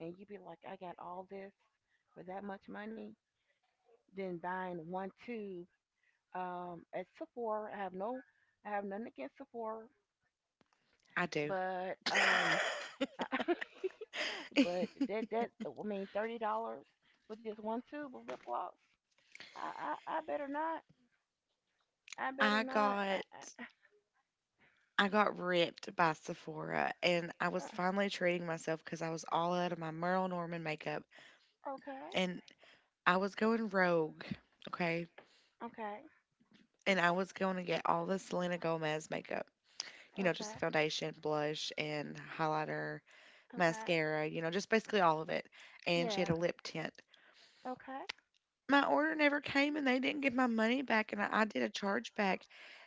[SPEAKER 2] And you be like, I got all this for that much money, than buying one tube um, at Sephora. I have no, I have nothing against Sephora,
[SPEAKER 1] I do.
[SPEAKER 2] but um, but that that I mean thirty dollars for just one tube of lip gloss. I I, I better not. I better
[SPEAKER 1] I
[SPEAKER 2] not.
[SPEAKER 1] got
[SPEAKER 2] I,
[SPEAKER 1] I got ripped by Sephora, and I
[SPEAKER 2] I, uh,
[SPEAKER 1] was finally treating myself because I was all out of my Merle Norman makeup
[SPEAKER 2] okay,
[SPEAKER 1] and I was going rogue, okay?
[SPEAKER 2] okay,
[SPEAKER 1] And I was going to get all the Selena Gomez makeup. You know, just the
[SPEAKER 2] okay,
[SPEAKER 1] foundation, blush, and highlighter,
[SPEAKER 2] okay.
[SPEAKER 1] mascara, you know, just basically all of it. And she had a
[SPEAKER 2] Yeah,
[SPEAKER 1] lip tint.
[SPEAKER 2] okay.
[SPEAKER 1] My order never came and they didn't give my money back, and I, I did a chargeback,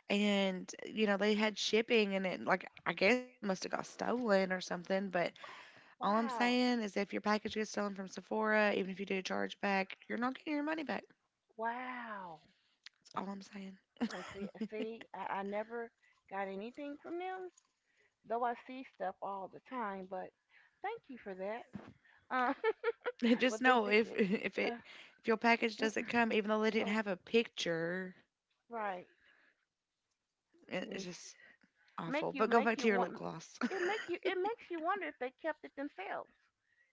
[SPEAKER 1] and you know they had shipping, and it like I guess it must have got stolen or something. But all I'm
[SPEAKER 2] Wow,
[SPEAKER 1] saying is, if your package gets stolen from Sephora, even if you do a chargeback, you're not getting your money back.
[SPEAKER 2] wow.
[SPEAKER 1] That's all I'm saying.
[SPEAKER 2] Well, see, see, I, I never got anything from them, though I see stuff all the time, but thank you for that. Uh,
[SPEAKER 1] Just
[SPEAKER 2] but they
[SPEAKER 1] know,
[SPEAKER 2] did
[SPEAKER 1] if
[SPEAKER 2] it.
[SPEAKER 1] if
[SPEAKER 2] Uh,
[SPEAKER 1] it, if your package doesn't come, even though they didn't
[SPEAKER 2] oh,
[SPEAKER 1] have a picture,
[SPEAKER 2] right.
[SPEAKER 1] it- it's
[SPEAKER 2] It's
[SPEAKER 1] just
[SPEAKER 2] make
[SPEAKER 1] awful.
[SPEAKER 2] you
[SPEAKER 1] But go
[SPEAKER 2] make
[SPEAKER 1] back to
[SPEAKER 2] you
[SPEAKER 1] your lip
[SPEAKER 2] want
[SPEAKER 1] gloss.
[SPEAKER 2] it make you it makes you wonder if they kept it themselves.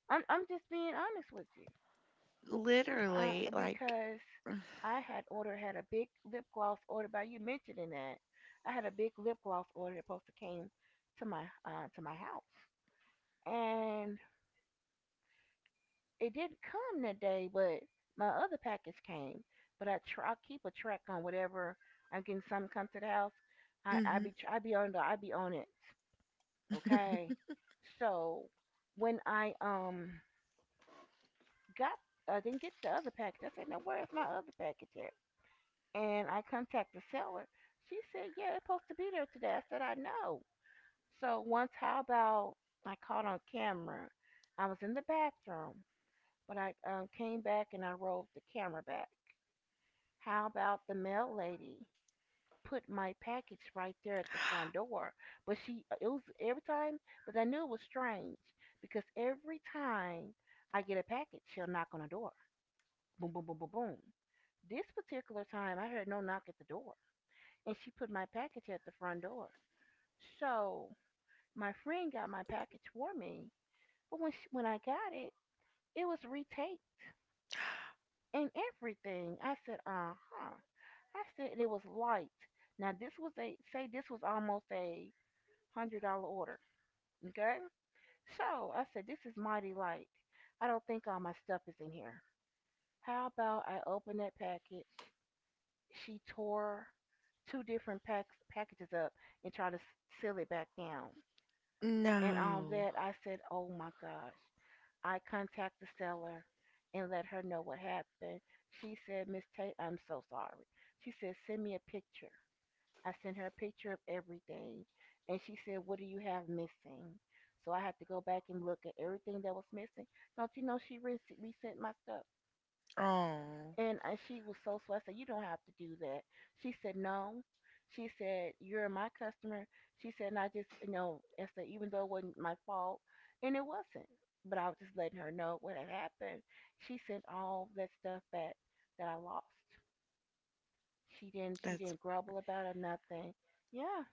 [SPEAKER 2] I'm I'm just being honest with you, uh,
[SPEAKER 1] Literally, like,
[SPEAKER 2] because I had ordered had a big lip gloss ordered by you mentioning that, I had a big lip gloss order that supposed to came to my uh, to my house and it didn't come that day, but my other package came. But I try I keep a track on whatever I'm getting. Something come to the house. I I be
[SPEAKER 1] hmm.
[SPEAKER 2] I be on the I be on it. Okay. So when I um got I didn't get the other package. I said, now where's my other package at? And I contact the seller. She said, "Yeah, it's supposed to be there today." I said, "I know." So once, how about I caught on camera? I was in the bathroom. But I uh, came back and I rolled the camera back. How about the mail lady put my package right there at the front door? But she, uh, it was every time, but I knew it was strange because every time I get a package, she'll knock on the door. Boom, boom, boom, boom, boom. This particular time, I heard no knock at the door, and she put my package at the front door. So my friend got my package for me, but when she, when I got it, it was retaped and everything. I said, uh huh. I said it was light. Now this was a say this was almost a hundred dollar order. Okay? So I said this is mighty light. I don't think all my stuff is in here. How about I open that package? She tore two different packs packages up and tried to seal it back down. And on
[SPEAKER 1] No.
[SPEAKER 2] that I said, "Oh my gosh." I contact the seller and let her know what happened. She said, "Miss Tate, I'm so sorry." She said, "Send me a picture." I sent her a picture of everything, and she said, "What do you have missing?" So I had to go back and look at everything that was missing. Don't you know she re- resent my stuff?
[SPEAKER 1] Oh,
[SPEAKER 2] And uh, she was so sweet. I said, "You don't have to do that." She said, "No." She said, "You're my customer." She said, "And I just, you know, I said, even though it wasn't my fault, and it wasn't, but I was just letting her know what had happened." She sent all that stuff back that I lost. She didn't. She
[SPEAKER 1] that's,
[SPEAKER 2] didn't grumble about it. Nothing. Yeah.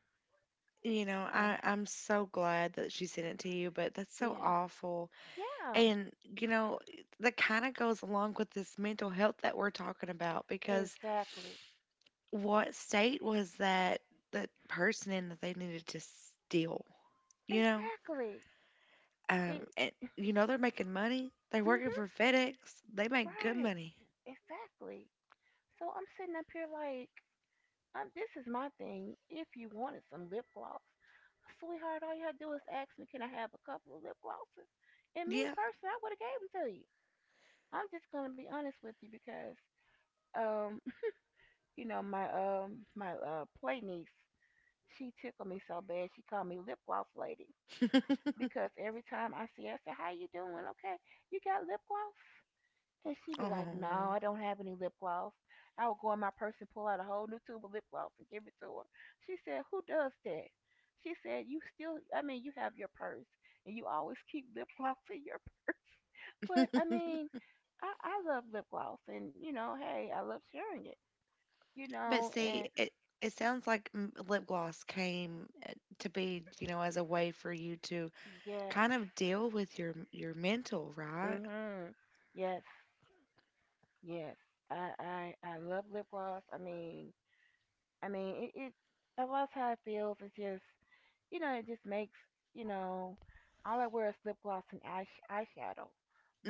[SPEAKER 1] you know,
[SPEAKER 2] And
[SPEAKER 1] I, I'm so glad that she sent it to you, but that's so
[SPEAKER 2] yeah.
[SPEAKER 1] awful.
[SPEAKER 2] Yeah.
[SPEAKER 1] And, you know, that kind of goes along with this mental health that we're talking about, because
[SPEAKER 2] Exactly.
[SPEAKER 1] what state was that that person in, that they needed to steal, you know?
[SPEAKER 2] Exactly. It.
[SPEAKER 1] Um, and, you know, they're making money. They're working for
[SPEAKER 2] Mhm.
[SPEAKER 1] FedEx. They make good
[SPEAKER 2] Right.
[SPEAKER 1] money.
[SPEAKER 2] Exactly. So I'm sitting up here like, um, this is my thing. If you wanted some lip gloss, sweetheart, all you had to do is ask me, can I have a couple of lip glosses? And me
[SPEAKER 1] Yeah.
[SPEAKER 2] personally, I would have gave them to you. I'm just gonna be honest with you because, um, you know my um my uh play niece, she tickled me so bad she called me lip gloss lady, because every time I see her, I say, "How you doing? Okay, you got lip gloss?" And she be like, "No,
[SPEAKER 1] Oh.
[SPEAKER 2] I don't have any lip gloss." I would go in my purse and pull out a whole new tube of lip gloss and give it to her. She said, "Who does that?" She said, "You still, I mean, you have your purse, and you always keep lip gloss in your purse." But I mean, I, I love lip gloss, and you know, hey, I love sharing it. You
[SPEAKER 1] But
[SPEAKER 2] know,
[SPEAKER 1] see,
[SPEAKER 2] and
[SPEAKER 1] it it sounds like m- lip gloss came uh, to be, you know, as a way for you to
[SPEAKER 2] yes,
[SPEAKER 1] kind of deal with your your mental,
[SPEAKER 2] mm
[SPEAKER 1] right?
[SPEAKER 2] mhm, yes. Yes, I I I love lip gloss. I mean, I mean it. It I loves how it feels. It's just you know it just makes you know all I wear is lip gloss and eyes eyeshadow.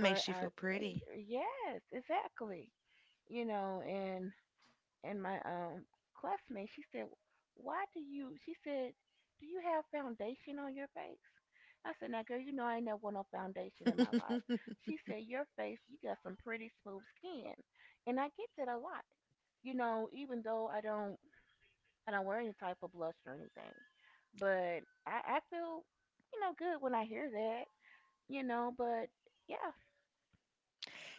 [SPEAKER 2] But
[SPEAKER 1] you
[SPEAKER 2] I
[SPEAKER 1] feel pretty.
[SPEAKER 2] yes, exactly. You know, and and my um classmate, she said, "Why do you?" She said, "Do you have foundation on your face?" I said, "Now, girl, you know I ain't never wore no foundation in my life." She said, "Your face, you got some pretty smooth skin," and I get that a lot. You know, even though I don't, I don't wear any type of blush or anything, but I, I feel, you know, good when I hear that. You know, but yeah,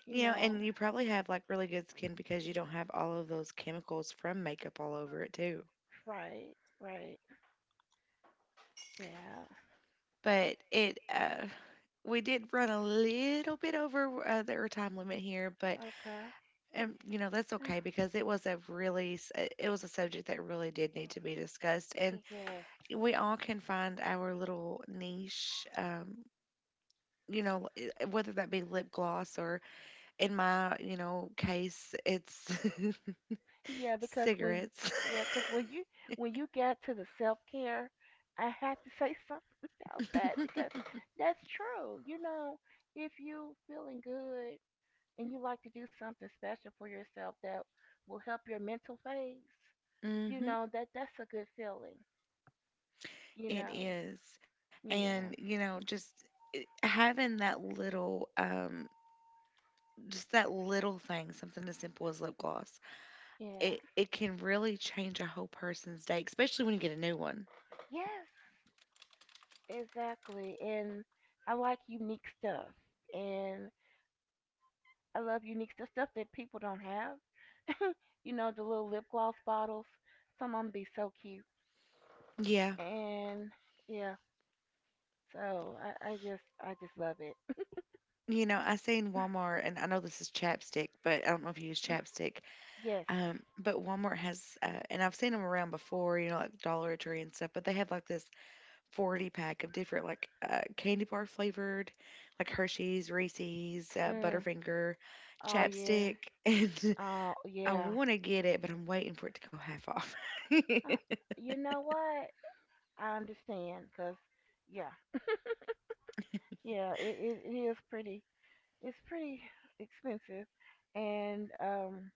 [SPEAKER 2] you
[SPEAKER 1] You know,
[SPEAKER 2] know,
[SPEAKER 1] and you probably have like really good skin because you don't have all of those chemicals from makeup all over it too.
[SPEAKER 2] right, right, yeah,
[SPEAKER 1] But it uh we did run a little bit over uh, the our time limit here. But
[SPEAKER 2] okay,
[SPEAKER 1] um, you know, that's okay, because it was a really s- uh, it was a subject that really did need to be discussed. And
[SPEAKER 2] yes.
[SPEAKER 1] we all can find our little niche, um you know, I- whether that be lip gloss or, in my you know case, it's
[SPEAKER 2] Yeah, because when
[SPEAKER 1] cigarettes.
[SPEAKER 2] yeah, 'cause when you when you got to the self care, I had to say something about that because that's true. You know, if you feeling good and you like to do something special for yourself that will help your mental phase, you
[SPEAKER 1] Mhm.
[SPEAKER 2] know that that's a good feeling. You
[SPEAKER 1] It
[SPEAKER 2] know,
[SPEAKER 1] is. And
[SPEAKER 2] yeah,
[SPEAKER 1] you know, just having that little um just that little thing, something as simple as lip gloss,
[SPEAKER 2] yeah,
[SPEAKER 1] it it can really change a whole person's day, especially when you get a new one.
[SPEAKER 2] yes, exactly. And I like unique stuff, and I love unique stuff stuff that people don't have. You know, the little lip gloss bottles. Some of them be so cute. And yeah, so I, I just I just love it.
[SPEAKER 1] You know, I say in Walmart, and I know this is chapstick, but I don't know if you use chapstick.
[SPEAKER 2] Yes.
[SPEAKER 1] Um, but Walmart has, uh, and I've seen them around before, you know, like Dollar Tree and stuff, but they have like this forty pack of different, like, uh, candy bar flavored, like Hershey's, Reese's, uh,
[SPEAKER 2] Mm.
[SPEAKER 1] Butterfinger,
[SPEAKER 2] Oh yeah.
[SPEAKER 1] chapstick.
[SPEAKER 2] Oh
[SPEAKER 1] And I
[SPEAKER 2] yeah.
[SPEAKER 1] want to get it, but I'm waiting for it to go half off.
[SPEAKER 2] Uh, you know what? I understand, cause yeah, yeah. It, it it is pretty. It's pretty expensive, and um,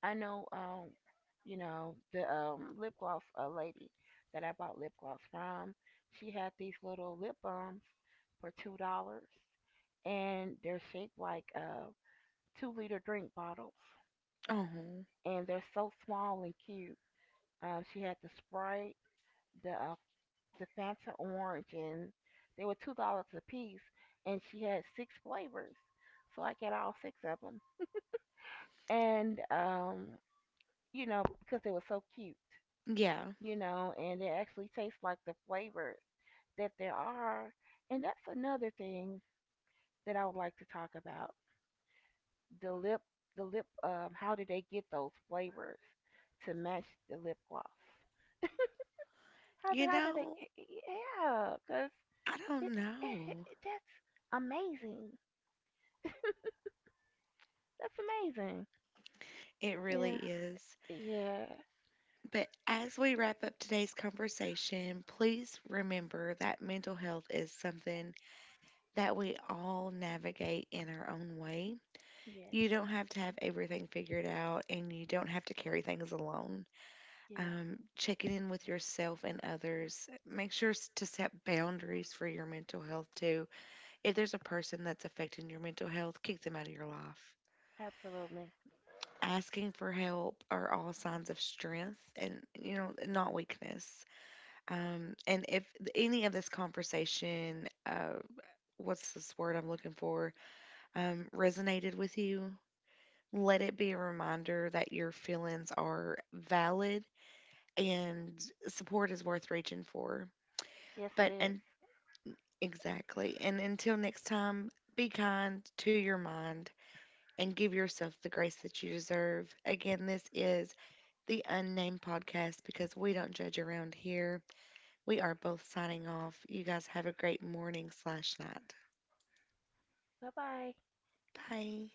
[SPEAKER 2] I know, um, you know, the um, lip gloss uh, lady that I bought lip gloss from, she had these little lip balms for two dollars and they're shaped like uh, two liter drink bottles,
[SPEAKER 1] Oh,
[SPEAKER 2] and they're so small and cute. Um, she had the Sprite, the, uh, the Fanta Orange, and they were two dollars a piece, and she had six flavors. So I got all six of them. And, um, you know, because they were so cute.
[SPEAKER 1] yeah.
[SPEAKER 2] You know, and it actually tastes like the flavors that there are. And that's another thing that I would like to talk about. The lip, the lip, um, how do they get those flavors to match the lip gloss? How do,
[SPEAKER 1] You
[SPEAKER 2] how do they,
[SPEAKER 1] know,
[SPEAKER 2] yeah, because
[SPEAKER 1] I don't
[SPEAKER 2] it, it,
[SPEAKER 1] know.
[SPEAKER 2] it, that's amazing. That's amazing.
[SPEAKER 1] It really
[SPEAKER 2] Yeah,
[SPEAKER 1] is.
[SPEAKER 2] yeah,
[SPEAKER 1] But as we wrap up today's conversation, please remember that mental health is something that we all navigate in our own way.
[SPEAKER 2] yes,
[SPEAKER 1] You don't have to have everything figured out, and you don't have to carry things alone.
[SPEAKER 2] yeah,
[SPEAKER 1] Um, checking in with yourself and others. Make sure s- to set boundaries for your mental health too. If there's a person that's affecting your mental health, kick them out of your life.
[SPEAKER 2] absolutely.
[SPEAKER 1] Asking for help are all signs of strength and, you know, not weakness. Um, and if any of this conversation, uh, what's this word I'm looking for, um, resonated with you, let it be a reminder that your feelings are valid and support is worth reaching for.
[SPEAKER 2] Yes, it
[SPEAKER 1] But,
[SPEAKER 2] is.
[SPEAKER 1] and exactly. And until next time, be kind to your mind, and give yourself the grace that you deserve. Again, this is the Unnamed Podcast, because we don't judge around here. We are both signing off. You guys have a great morning slash night.
[SPEAKER 2] Bye bye.
[SPEAKER 1] Bye.